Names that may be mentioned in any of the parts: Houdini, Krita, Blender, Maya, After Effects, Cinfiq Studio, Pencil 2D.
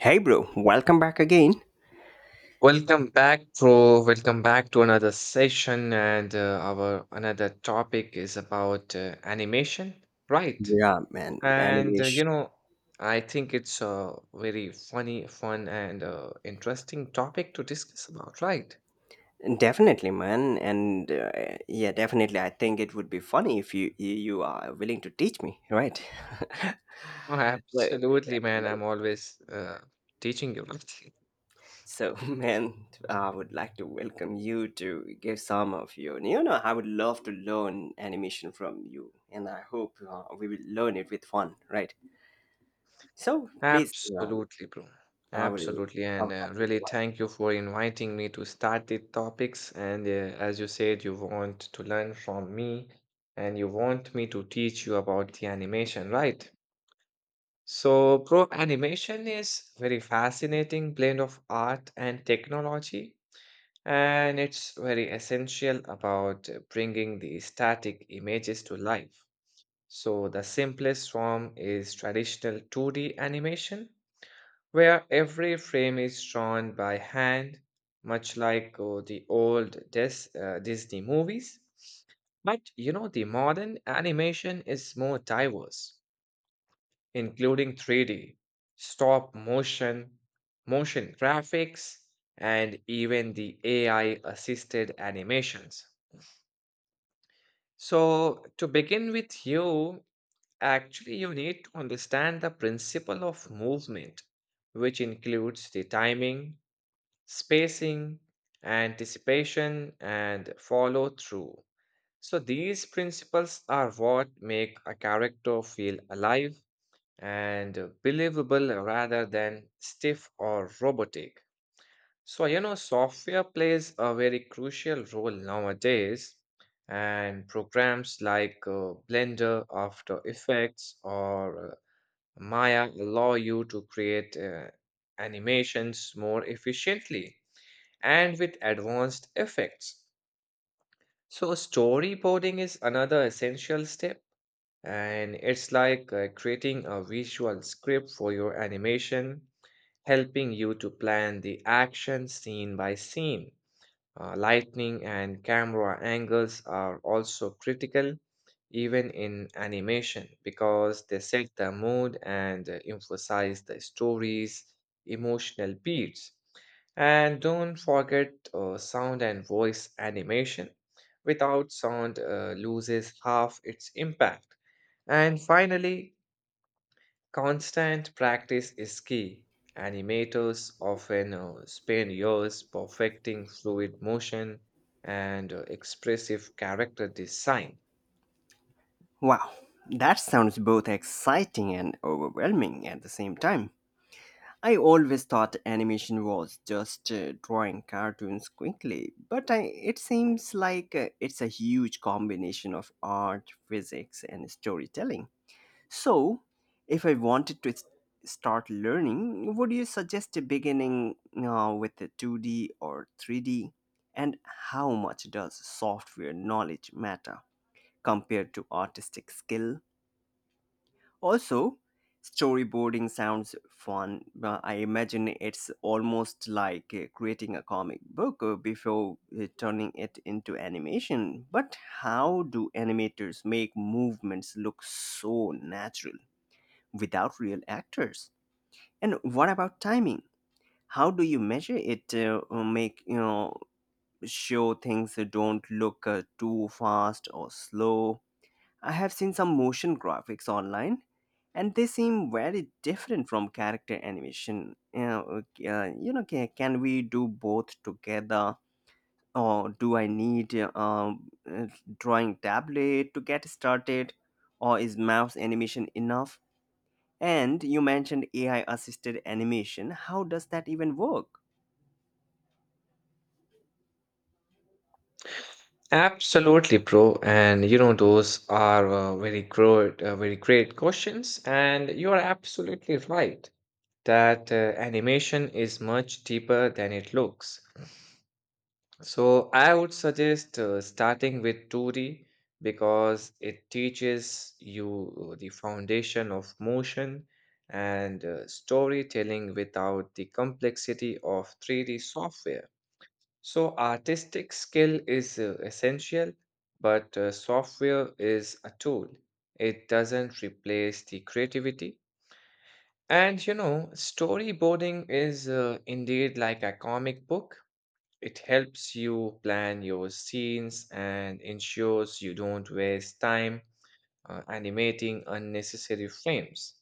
Hey, bro, welcome back again. Welcome back, bro. Welcome back to another session, and our another topic is about animation, right? Yeah, man, And animation I think it's a very funny, fun, and interesting topic to discuss about, right? definitely, man, and yeah, definitely. I think it would be funny if you are willing to teach me, right? Oh, But- absolutely, man. I'm always teaching you, right? so, man, I would like to welcome you to give some of your. You know, I would love to learn animation from you, and I hope we will learn it with fun, right? So, please. Absolutely, bro. I will. Absolutely. I And would like to. really thank you for inviting me to start the topics. And as you said, you want to learn from me and you want me to teach you about the animation, right? So, bro, animation is very fascinating blend of art and technology, and it's very essential about bringing the static images to life. So, the simplest form is traditional 2D animation where every frame is drawn by hand, much like the old Disney movies. But you know, the modern animation is more diverse, including 3D, stop motion, motion graphics, and even the AI assisted animations. So, to begin with you, actually, you need to understand the principle of movement, which includes the timing, spacing, anticipation, and follow through. So, these principles are what make a character feel alive and believable rather than stiff or robotic. So, you know, software plays a very crucial role nowadays, and programs like Blender, After Effects, or Maya allow you to create animations more efficiently and with advanced effects. So, storyboarding is another essential step, and it's like creating a visual script for your animation, helping you to plan the action scene by scene. Lighting and camera angles are also critical, even in animation, because they set the mood and emphasize the story's emotional beats. And don't forget sound and voice animation. Without sound, loses half its impact. And finally, constant practice is key. Animators often spend years perfecting fluid motion and expressive character design. Wow, that sounds both exciting and overwhelming at the same time. I always thought animation was just drawing cartoons quickly, but it seems like it's a huge combination of art, physics, and storytelling. So, if I wanted to start learning, would you suggest a beginning with the 2D or 3D? And how much does software knowledge matter compared to artistic skill? Also, storyboarding sounds fun. I imagine it's almost like creating a comic book before turning it into animation. But how do animators make movements look so natural without real actors? And what about timing? How do you measure it? Or make sure things don't look too fast or slow. I have seen some motion graphics online, and they seem very different from character animation. Can we do both together, or do I need drawing tablet to get started, or is mouse animation enough? And you mentioned AI assisted animation. How does that even work? Absolutely, bro. And you know, those are very great questions. And you are absolutely right, that animation is much deeper than it looks. So I would suggest starting with 2D because it teaches you the foundation of motion and storytelling without the complexity of 3D software. So artistic skill is essential, but software is a tool. It doesn't replace the creativity, and you know, storyboarding is indeed like a comic book. It helps you plan your scenes and ensures you don't waste time animating unnecessary frames.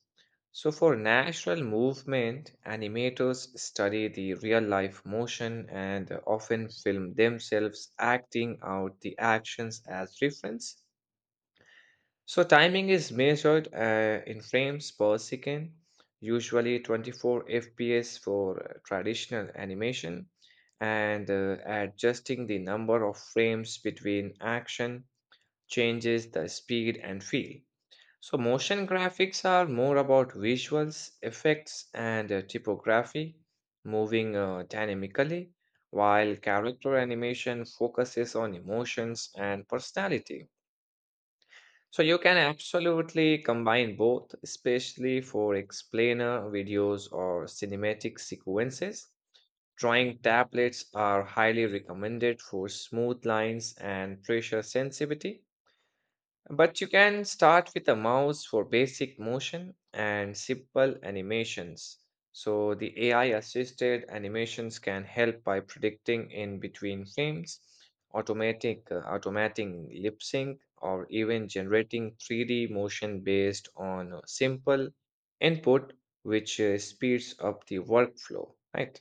So, for natural movement, animators study the real life motion and often film themselves acting out the actions as reference. So timing is measured in frames per second, usually 24 FPS for traditional animation, and adjusting the number of frames between action changes the speed and feel. So motion graphics are more about visuals, effects, and typography moving dynamically, while character animation focuses on emotions and personality. So you can absolutely combine both, especially for explainer videos or cinematic sequences. Drawing tablets are highly recommended for smooth lines and pressure sensitivity. But you can start with a mouse for basic motion and simple animations. So the AI assisted animations can help by predicting in between frames, automatic automating lip sync or even generating 3D motion based on a simple input, which speeds up the workflow, right?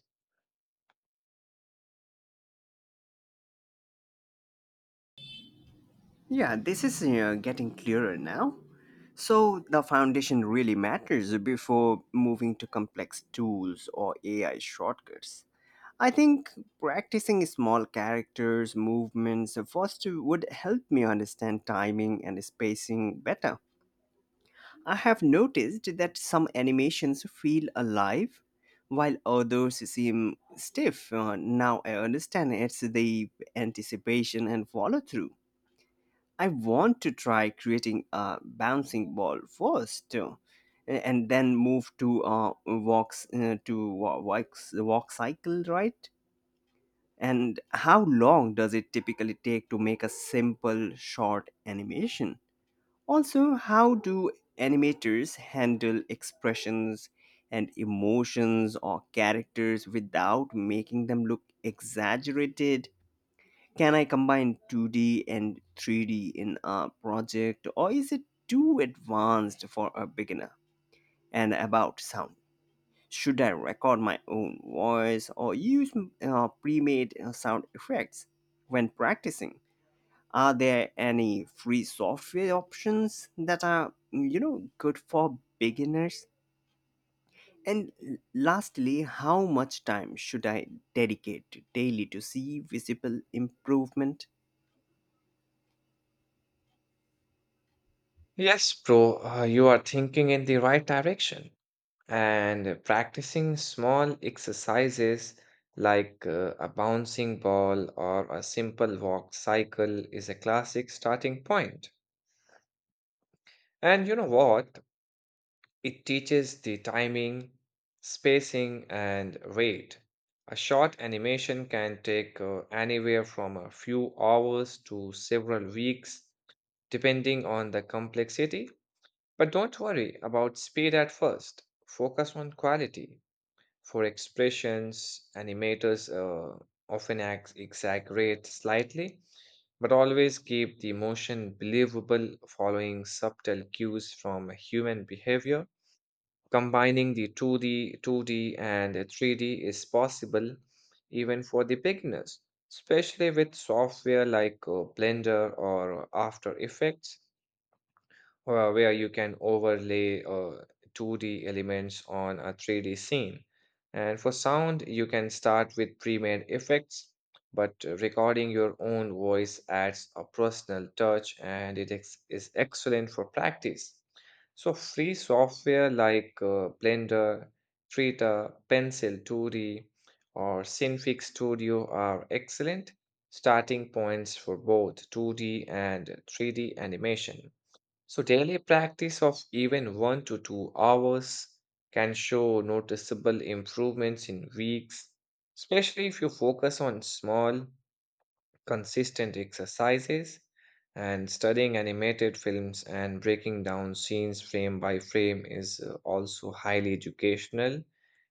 Yeah, this is getting clearer now. So the foundation really matters before moving to complex tools or AI shortcuts. I think practicing small characters, movements first would help me understand timing and spacing better. I have noticed that some animations feel alive while others seem stiff. Now I understand it's the anticipation and follow through. I want to try creating a bouncing ball first, too, and then move to walks to wa- walks walk cycle, right? And how long does it typically take to make a simple short animation? Also, how do animators handle expressions and emotions or characters without making them look exaggerated? Can I combine 2D and 3D in a project, or is it too advanced for a beginner? And about sound, should I record my own voice or use pre made sound effects when practicing? Are there any free software options that are, you know, good for beginners? And lastly, how much time should I dedicate daily to see visible improvement? Yes, bro, you are thinking in the right direction. And practicing small exercises like a bouncing ball or a simple walk cycle is a classic starting point. And you know what? It teaches the timing, spacing, and rate. A short animation can take anywhere from a few hours to several weeks, depending on the complexity. But don't worry about speed at first, focus on quality. For expressions, animators often exaggerate slightly, but always keep the emotion believable, following subtle cues from human behavior. Combining the 2D and 3D is possible even for the beginners, especially with software like Blender or After Effects, where you can overlay 2D elements on a 3D scene. And for sound, you can start with pre-made effects, but recording your own voice adds a personal touch, and it is excellent for practice. So free software like Blender, Krita, Pencil 2D, or Cinfiq Studio are excellent starting points for both 2D and 3D animation. So, daily practice of even 1 to 2 hours can show noticeable improvements in weeks, especially if you focus on small, consistent exercises, and studying animated films and breaking down scenes frame by frame is also highly educational.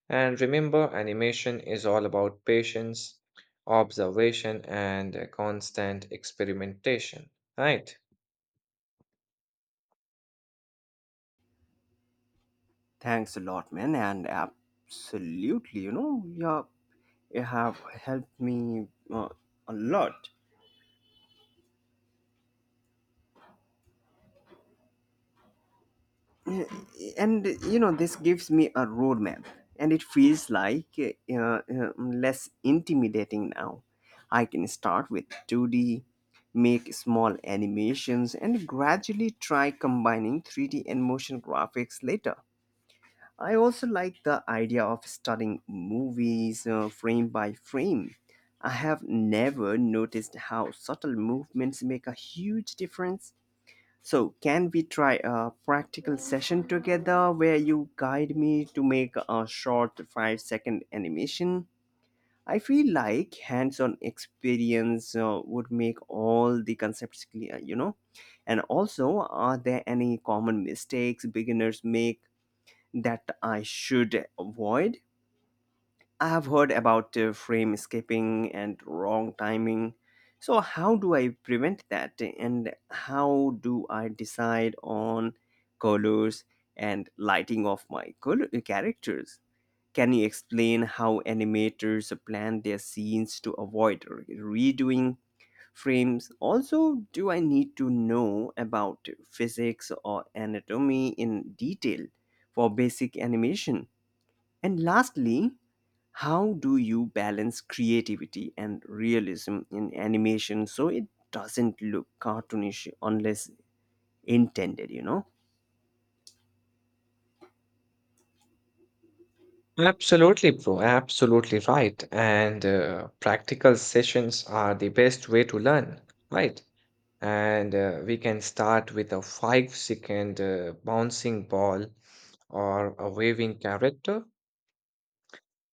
And remember, animation is all about patience, observation, and constant experimentation, right? Thanks a lot, man, and absolutely, you know, yeah, you have helped me a lot, and you know, this gives me a roadmap, and it feels like less intimidating now. I can start with 2D, make small animations, and gradually try combining 3D and motion graphics later. I also like the idea of studying movies frame by frame. I have never noticed how subtle movements make a huge difference. So, can we try a practical session together where you guide me to make a short 5-second animation? I feel like hands on experience would make all the concepts clear, you know? And also, are there any common mistakes beginners make that I should avoid. I have heard about frame skipping and wrong timing. So, how do I prevent that? And how do I decide on colors and lighting of my characters? Can you explain how animators plan their scenes to avoid redoing frames? Also, do I need to know about physics or anatomy in detail for basic animation? And lastly, how do you balance creativity and realism in animation so it doesn't look cartoonish unless intended, you know? Absolutely, bro. Absolutely right. And practical sessions are the best way to learn, right? And we can start with a 5 second bouncing ball or a waving character.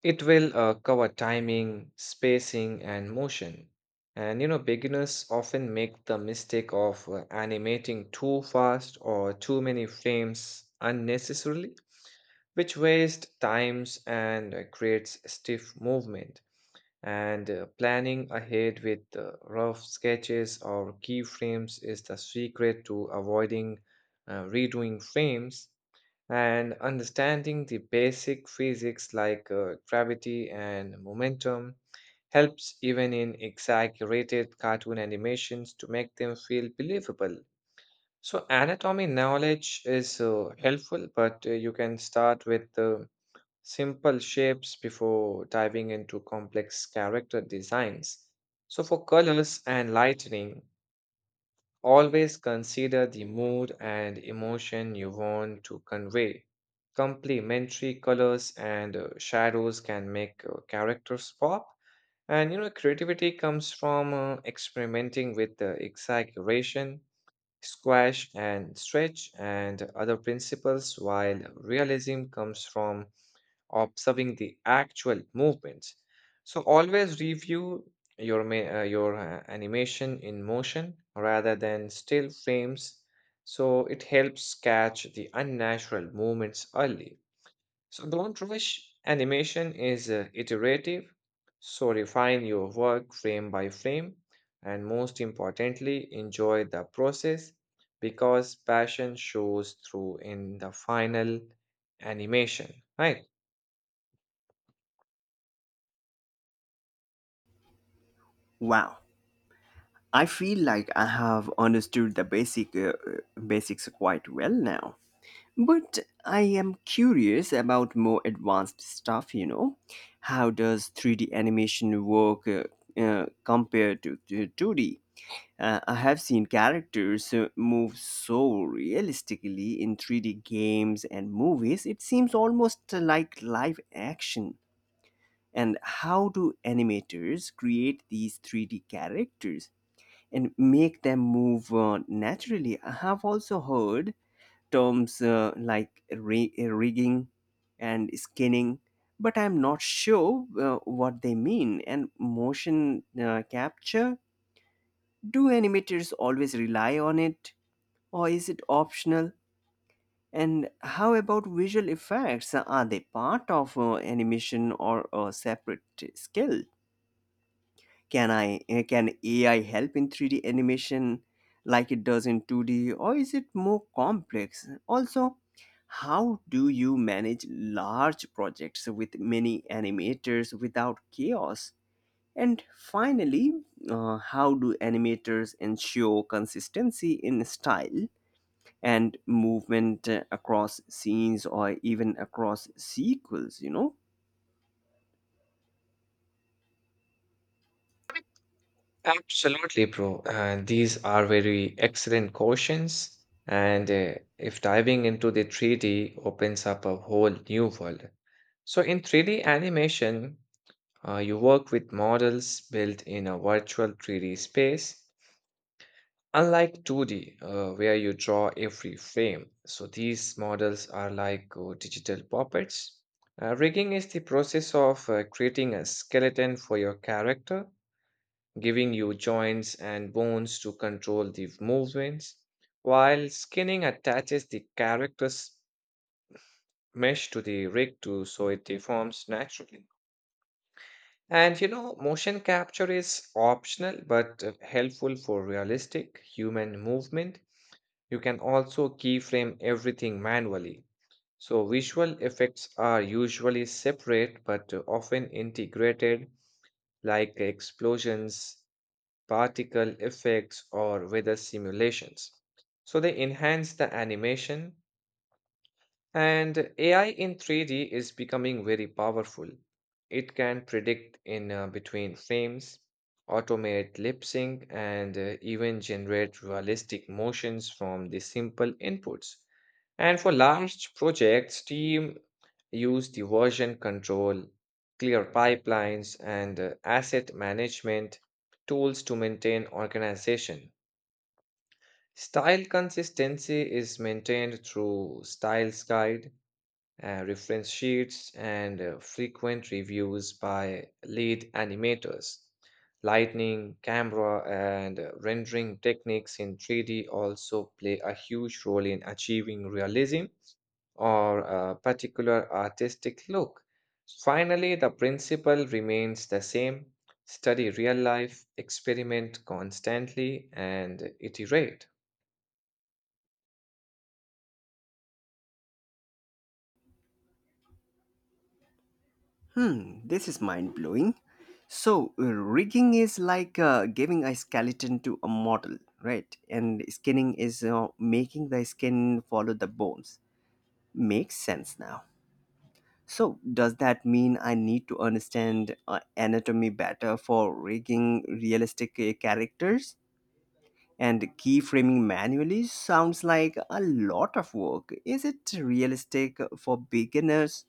It will cover timing, spacing, and motion. And you know, beginners often make the mistake of animating too fast or too many frames unnecessarily, which wastes times and creates stiff movement. And planning ahead with rough sketches or keyframes is the secret to avoiding redoing frames, and understanding the basic physics like gravity and momentum helps even in exaggerated cartoon animations to make them feel believable. So, anatomy knowledge is helpful, but you can start with simple shapes before diving into complex character designs. So, for colors and lighting, always consider the mood and emotion you want to convey. Complementary colors and shadows can make characters pop. And you know, creativity comes from experimenting with the exaggeration, squash, and stretch, and other principles, while realism comes from observing the actual movements. So always review your animation in motion rather than still frames. So it helps catch the unnatural movements early. So don't rush. Animation is iterative. So refine your work frame by frame, and most importantly, enjoy the process because passion shows through in the final animation. Right. Wow. I feel like I have understood the basics quite well now. But I am curious about more advanced stuff, you know. How does 3D animation work compared to 2D? I have seen characters move so realistically in 3D games and movies, it seems almost like live action. And how do animators create these 3D characters and make them move naturally? I have also heard terms like rigging and skinning, but I'm not sure what they mean. And motion capture? Do animators always rely on it, or is it optional? And how about visual effects? Are they part of animation or a separate skill? Can AI help in 3D animation like it does in 2D, or is it more complex? Also, how do you manage large projects with many animators without chaos? And finally, how do animators ensure consistency in style and movement across scenes or even across sequels, you know? Absolutely, bro. And these are very excellent questions. And if diving into the 3D opens up a whole new world. So, in 3D animation, you work with models built in a virtual 3D space, unlike 2D, where you draw every frame. So, these models are like digital puppets. Rigging is the process of creating a skeleton for your character, giving you joints and bones to control the movements, while skinning attaches the character's mesh to the rig to so it deforms naturally. And you know, motion capture is optional but helpful for realistic human movement. You can also keyframe everything manually. So, visual effects are usually separate but often integrated, like explosions, particle effects, or weather simulations. So they enhance the animation, and AI in 3D is becoming very powerful. It can predict in between frames, automate lip sync, and even generate realistic motions from the simple inputs. And for large projects, team use the version control, clear pipelines, and asset management tools to maintain organization. Style consistency is maintained through Styles Guide, reference sheets, and frequent reviews by lead animators. Lighting, camera, and rendering techniques in 3D also play a huge role in achieving realism or a particular artistic look. Finally, the principle remains the same: study real life, experiment constantly, and iterate. Hmm, this is mind blowing. So, rigging is like giving a skeleton to a model, right? And skinning is making the skin follow the bones. Makes sense now. So, does that mean I need to understand anatomy better for rigging realistic characters? And keyframing manually sounds like a lot of work. Is it realistic for beginners,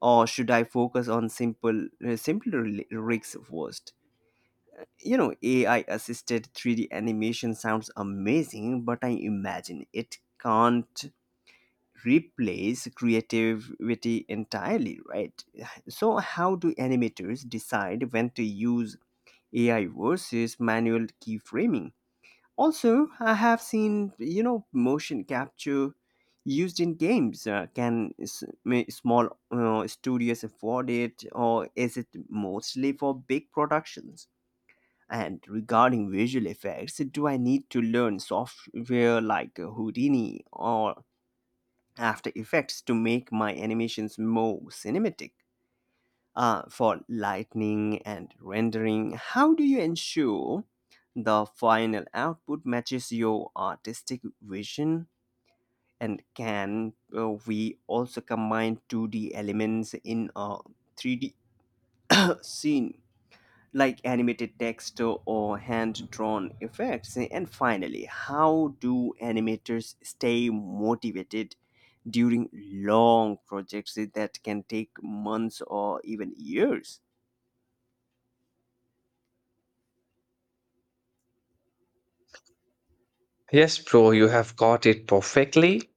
or should I focus on simpler rigs first? You know, AI assisted 3D animation sounds amazing, but I imagine it can't replace creativity entirely, right? So how do animators decide when to use AI versus manual keyframing? Also, I have seen, you know, motion capture used in games. Can s- may small studios afford it, or is it mostly for big productions? And regarding visual effects, do I need to learn software like Houdini or After Effects to make my animations more cinematic? For lighting and rendering, how do you ensure the final output matches your artistic vision? And can we also combine 2D elements in a 3D scene, like animated text or hand drawn effects? And finally, how do animators stay motivated during long projects that can take months or even years? Yes, bro, you have got it perfectly.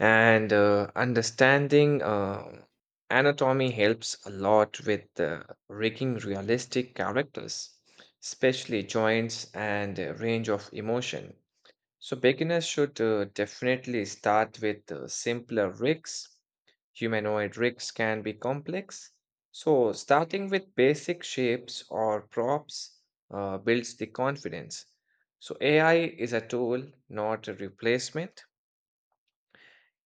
And understanding anatomy helps a lot with rigging realistic characters, especially joints and range of emotion. So, beginners should definitely start with simpler rigs. Humanoid rigs can be complex, so starting with basic shapes or props builds the confidence. So, AI is a tool, not a replacement.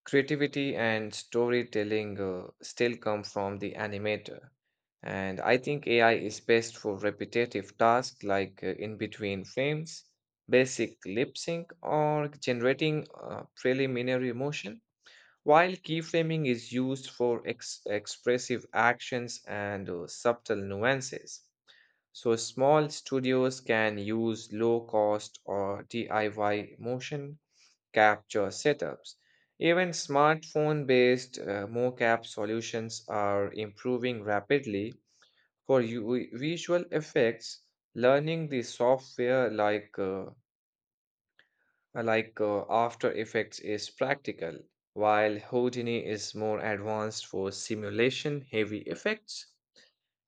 Creativity and storytelling still come from the animator. And I think AI is best for repetitive tasks like in between frames, basic lip sync, or generating preliminary motion, while keyframing is used for expressive actions and subtle nuances. So small studios can use low cost or DIY motion capture setups. Even smartphone based mocap solutions are improving rapidly. For visual effects, learning the software like After Effects is practical, while Houdini is more advanced for simulation heavy effects.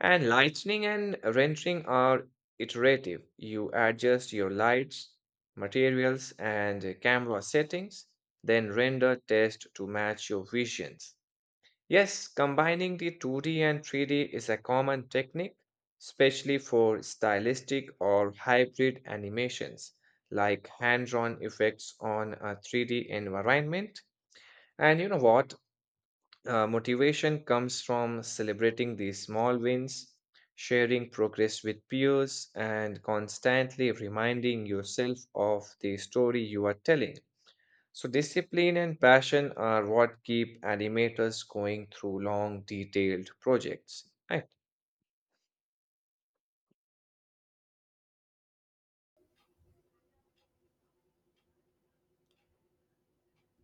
And lighting and rendering are iterative. You adjust your lights, materials, and camera settings, then render test to match your visions. Yes, combining the 2D and 3D is a common technique, especially for stylistic or hybrid animations like hand-drawn effects on a 3D environment. And you know what? Motivation comes from celebrating the small wins, sharing progress with peers, and constantly reminding yourself of the story you are telling. So, discipline and passion are what keep animators going through long, detailed projects. Right.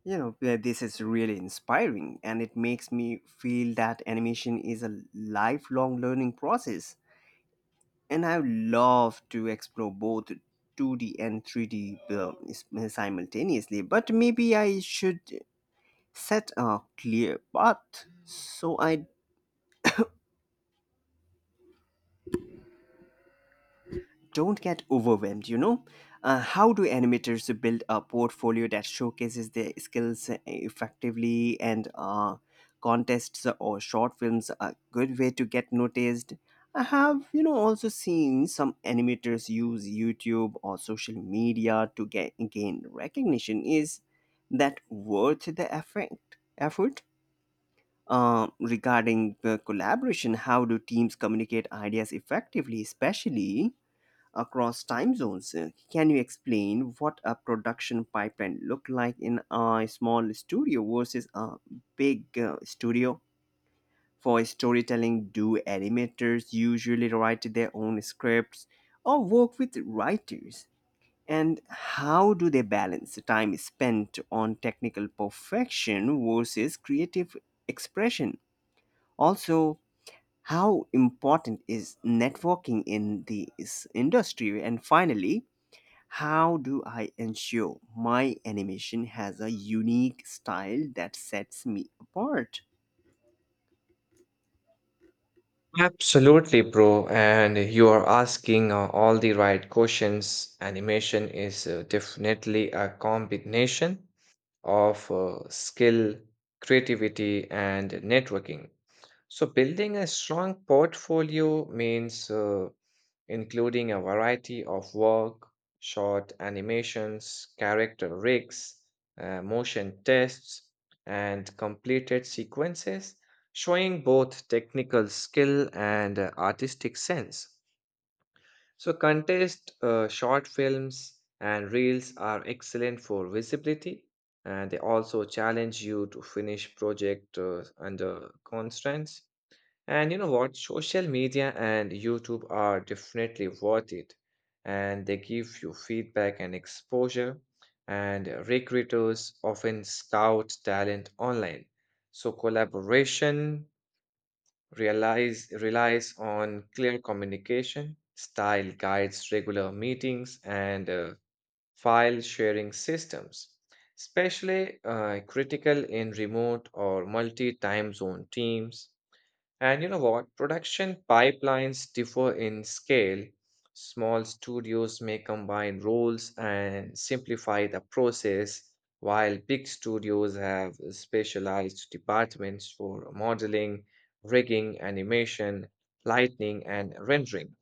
You know, where this is really inspiring and it makes me feel that animation is a lifelong learning process, and I love to explore both 2D and 3D simultaneously, but maybe I should set a clear path so I don't get overwhelmed, you know. How do animators build a portfolio that showcases their skills effectively, and contests or short films are a good way to get noticed. I have, you know, also seen some animators use youtube or social media to get gain recognition. Is that worth the effort uh, Regarding the collaboration, how do teams communicate ideas effectively, especially across time zones. Can you explain what a production pipeline look like in a small studio versus a big studio? For storytelling, do animators usually write their own scripts or work with writers? And how do they balance time spent on technical perfection versus creative expression? Also, how important is networking in this industry? And finally, how do I ensure my animation has a unique style that sets me apart? Absolutely, bro. And you are asking all the right questions. Animation is definitely a combination of skill, creativity, and networking. So, building a strong portfolio means including a variety of work, short animations, character rigs, motion tests, and completed sequences, showing both technical skill and artistic sense. So, contest short films and reels are excellent for visibility, and they also challenge you to finish project under constraints. And you know what? Social media and YouTube are definitely worth it, and they give you feedback and exposure. And recruiters often scout talent online. So, collaboration relies on clear communication, style guides, regular meetings, and file sharing systems, especially critical in remote or multi time zone teams. And you know what? Production pipelines differ in scale. Small studios may combine roles and simplify the process, while big studios have specialized departments for modeling, rigging, animation, lighting, and rendering.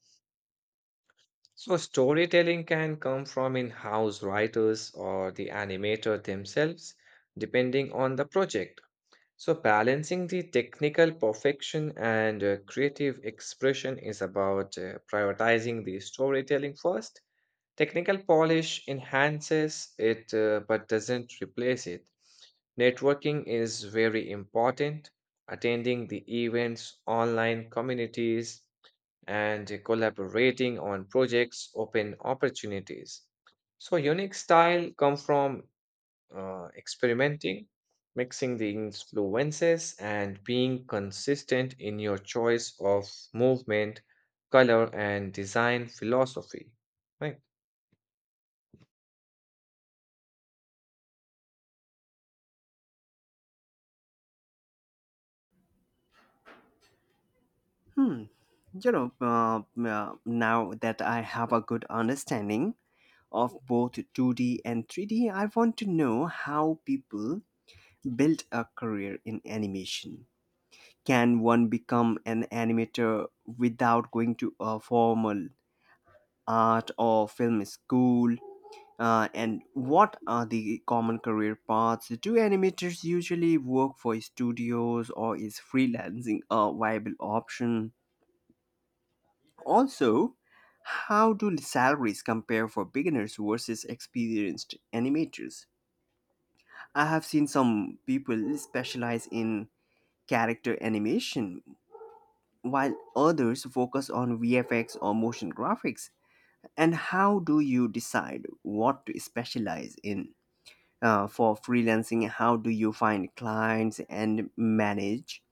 So, storytelling can come from in house writers or the animator themselves, depending on the project. So, balancing the technical perfection and creative expression is about prioritizing the storytelling first. Technical polish enhances it, but doesn't replace it. Networking is very important. Attending the events, online communities, and collaborating on projects open opportunities. So, unique style come from experimenting, mixing the influences, and being consistent in your choice of movement, color, and design philosophy. Right. Now that I have a good understanding of both 2D and 3D, I want to know how people build a career in animation. Can one become an animator without going to a formal art or film school? And what are the common career paths? Do animators usually work for studios, or is freelancing a viable option? Also, how do salaries compare for beginners versus experienced animators? I have seen some people specialize in character animation while others focus on VFX or motion graphics. And how do you decide what to specialize in? For freelancing, how do you find clients and manage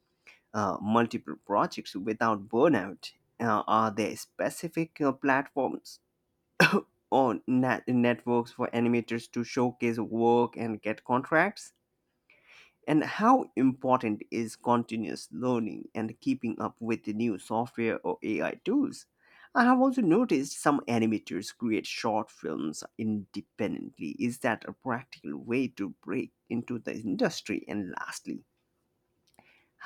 multiple projects without burnout? Are there specific platforms or networks for animators to showcase work and get contracts, and how important is continuous learning and keeping up with the new software or AI tools? I have also noticed some animators create short films independently. Is that a practical way to break into the industry? And lastly,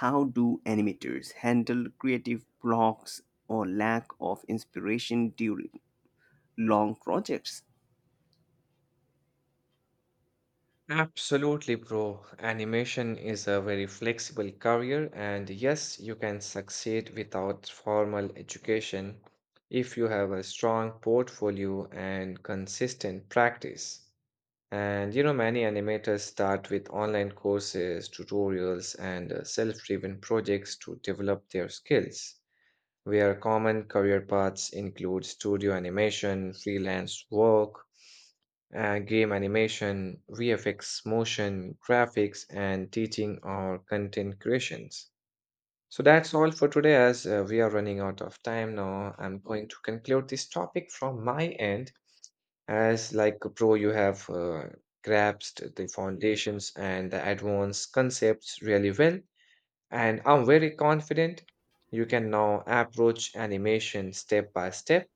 how do animators handle creative blocks or lack of inspiration during long projects? Absolutely, bro. Animation is a very flexible career, and yes, you can succeed without formal education if you have a strong portfolio and consistent practice. And you know, many animators start with online courses, tutorials, and self-driven projects to develop their skills, where common career paths include studio animation, freelance work, game animation, VFX, motion, graphics, and teaching or content creations. So that's all for today, as we are running out of time now. I'm going to conclude this topic from my end. As like a pro, you have grasped the foundations and the advanced concepts really well, and I'm very confident you can now approach animation step by step.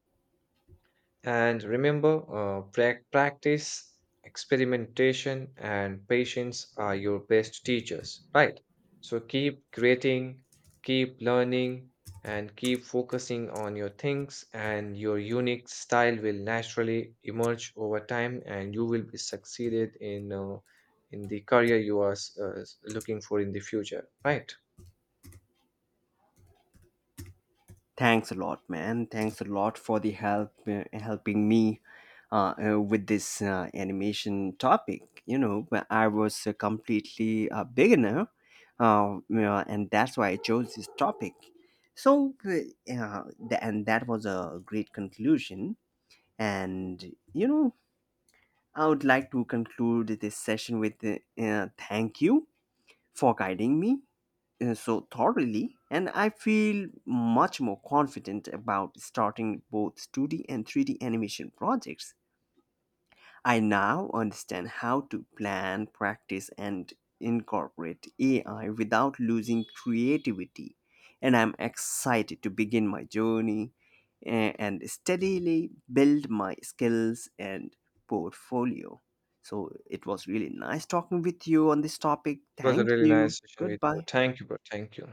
And remember, practice, experimentation, and patience are your best teachers, right? So keep creating, keep learning, and keep focusing on your things, and your unique style will naturally emerge over time, and you will be succeeded in the career you are looking for in the future, right? Thanks a lot, man. Thanks a lot for the helping me with this animation topic. You know, but I was completely a beginner, you know, and that's why I chose this topic. So, yeah, and that was a great conclusion. And you know, I would like to conclude this session with thank you for guiding me so thoroughly, and I feel much more confident about starting both 2D and 3D animation projects. I now understand how to plan, practice, and incorporate AI without losing creativity, and I'm excited to begin my journey and steadily build my skills and portfolio. So it was really nice talking with you on this topic. It was a Thank really you. nice session with you. Goodbye. Thank you, bro. Thank you.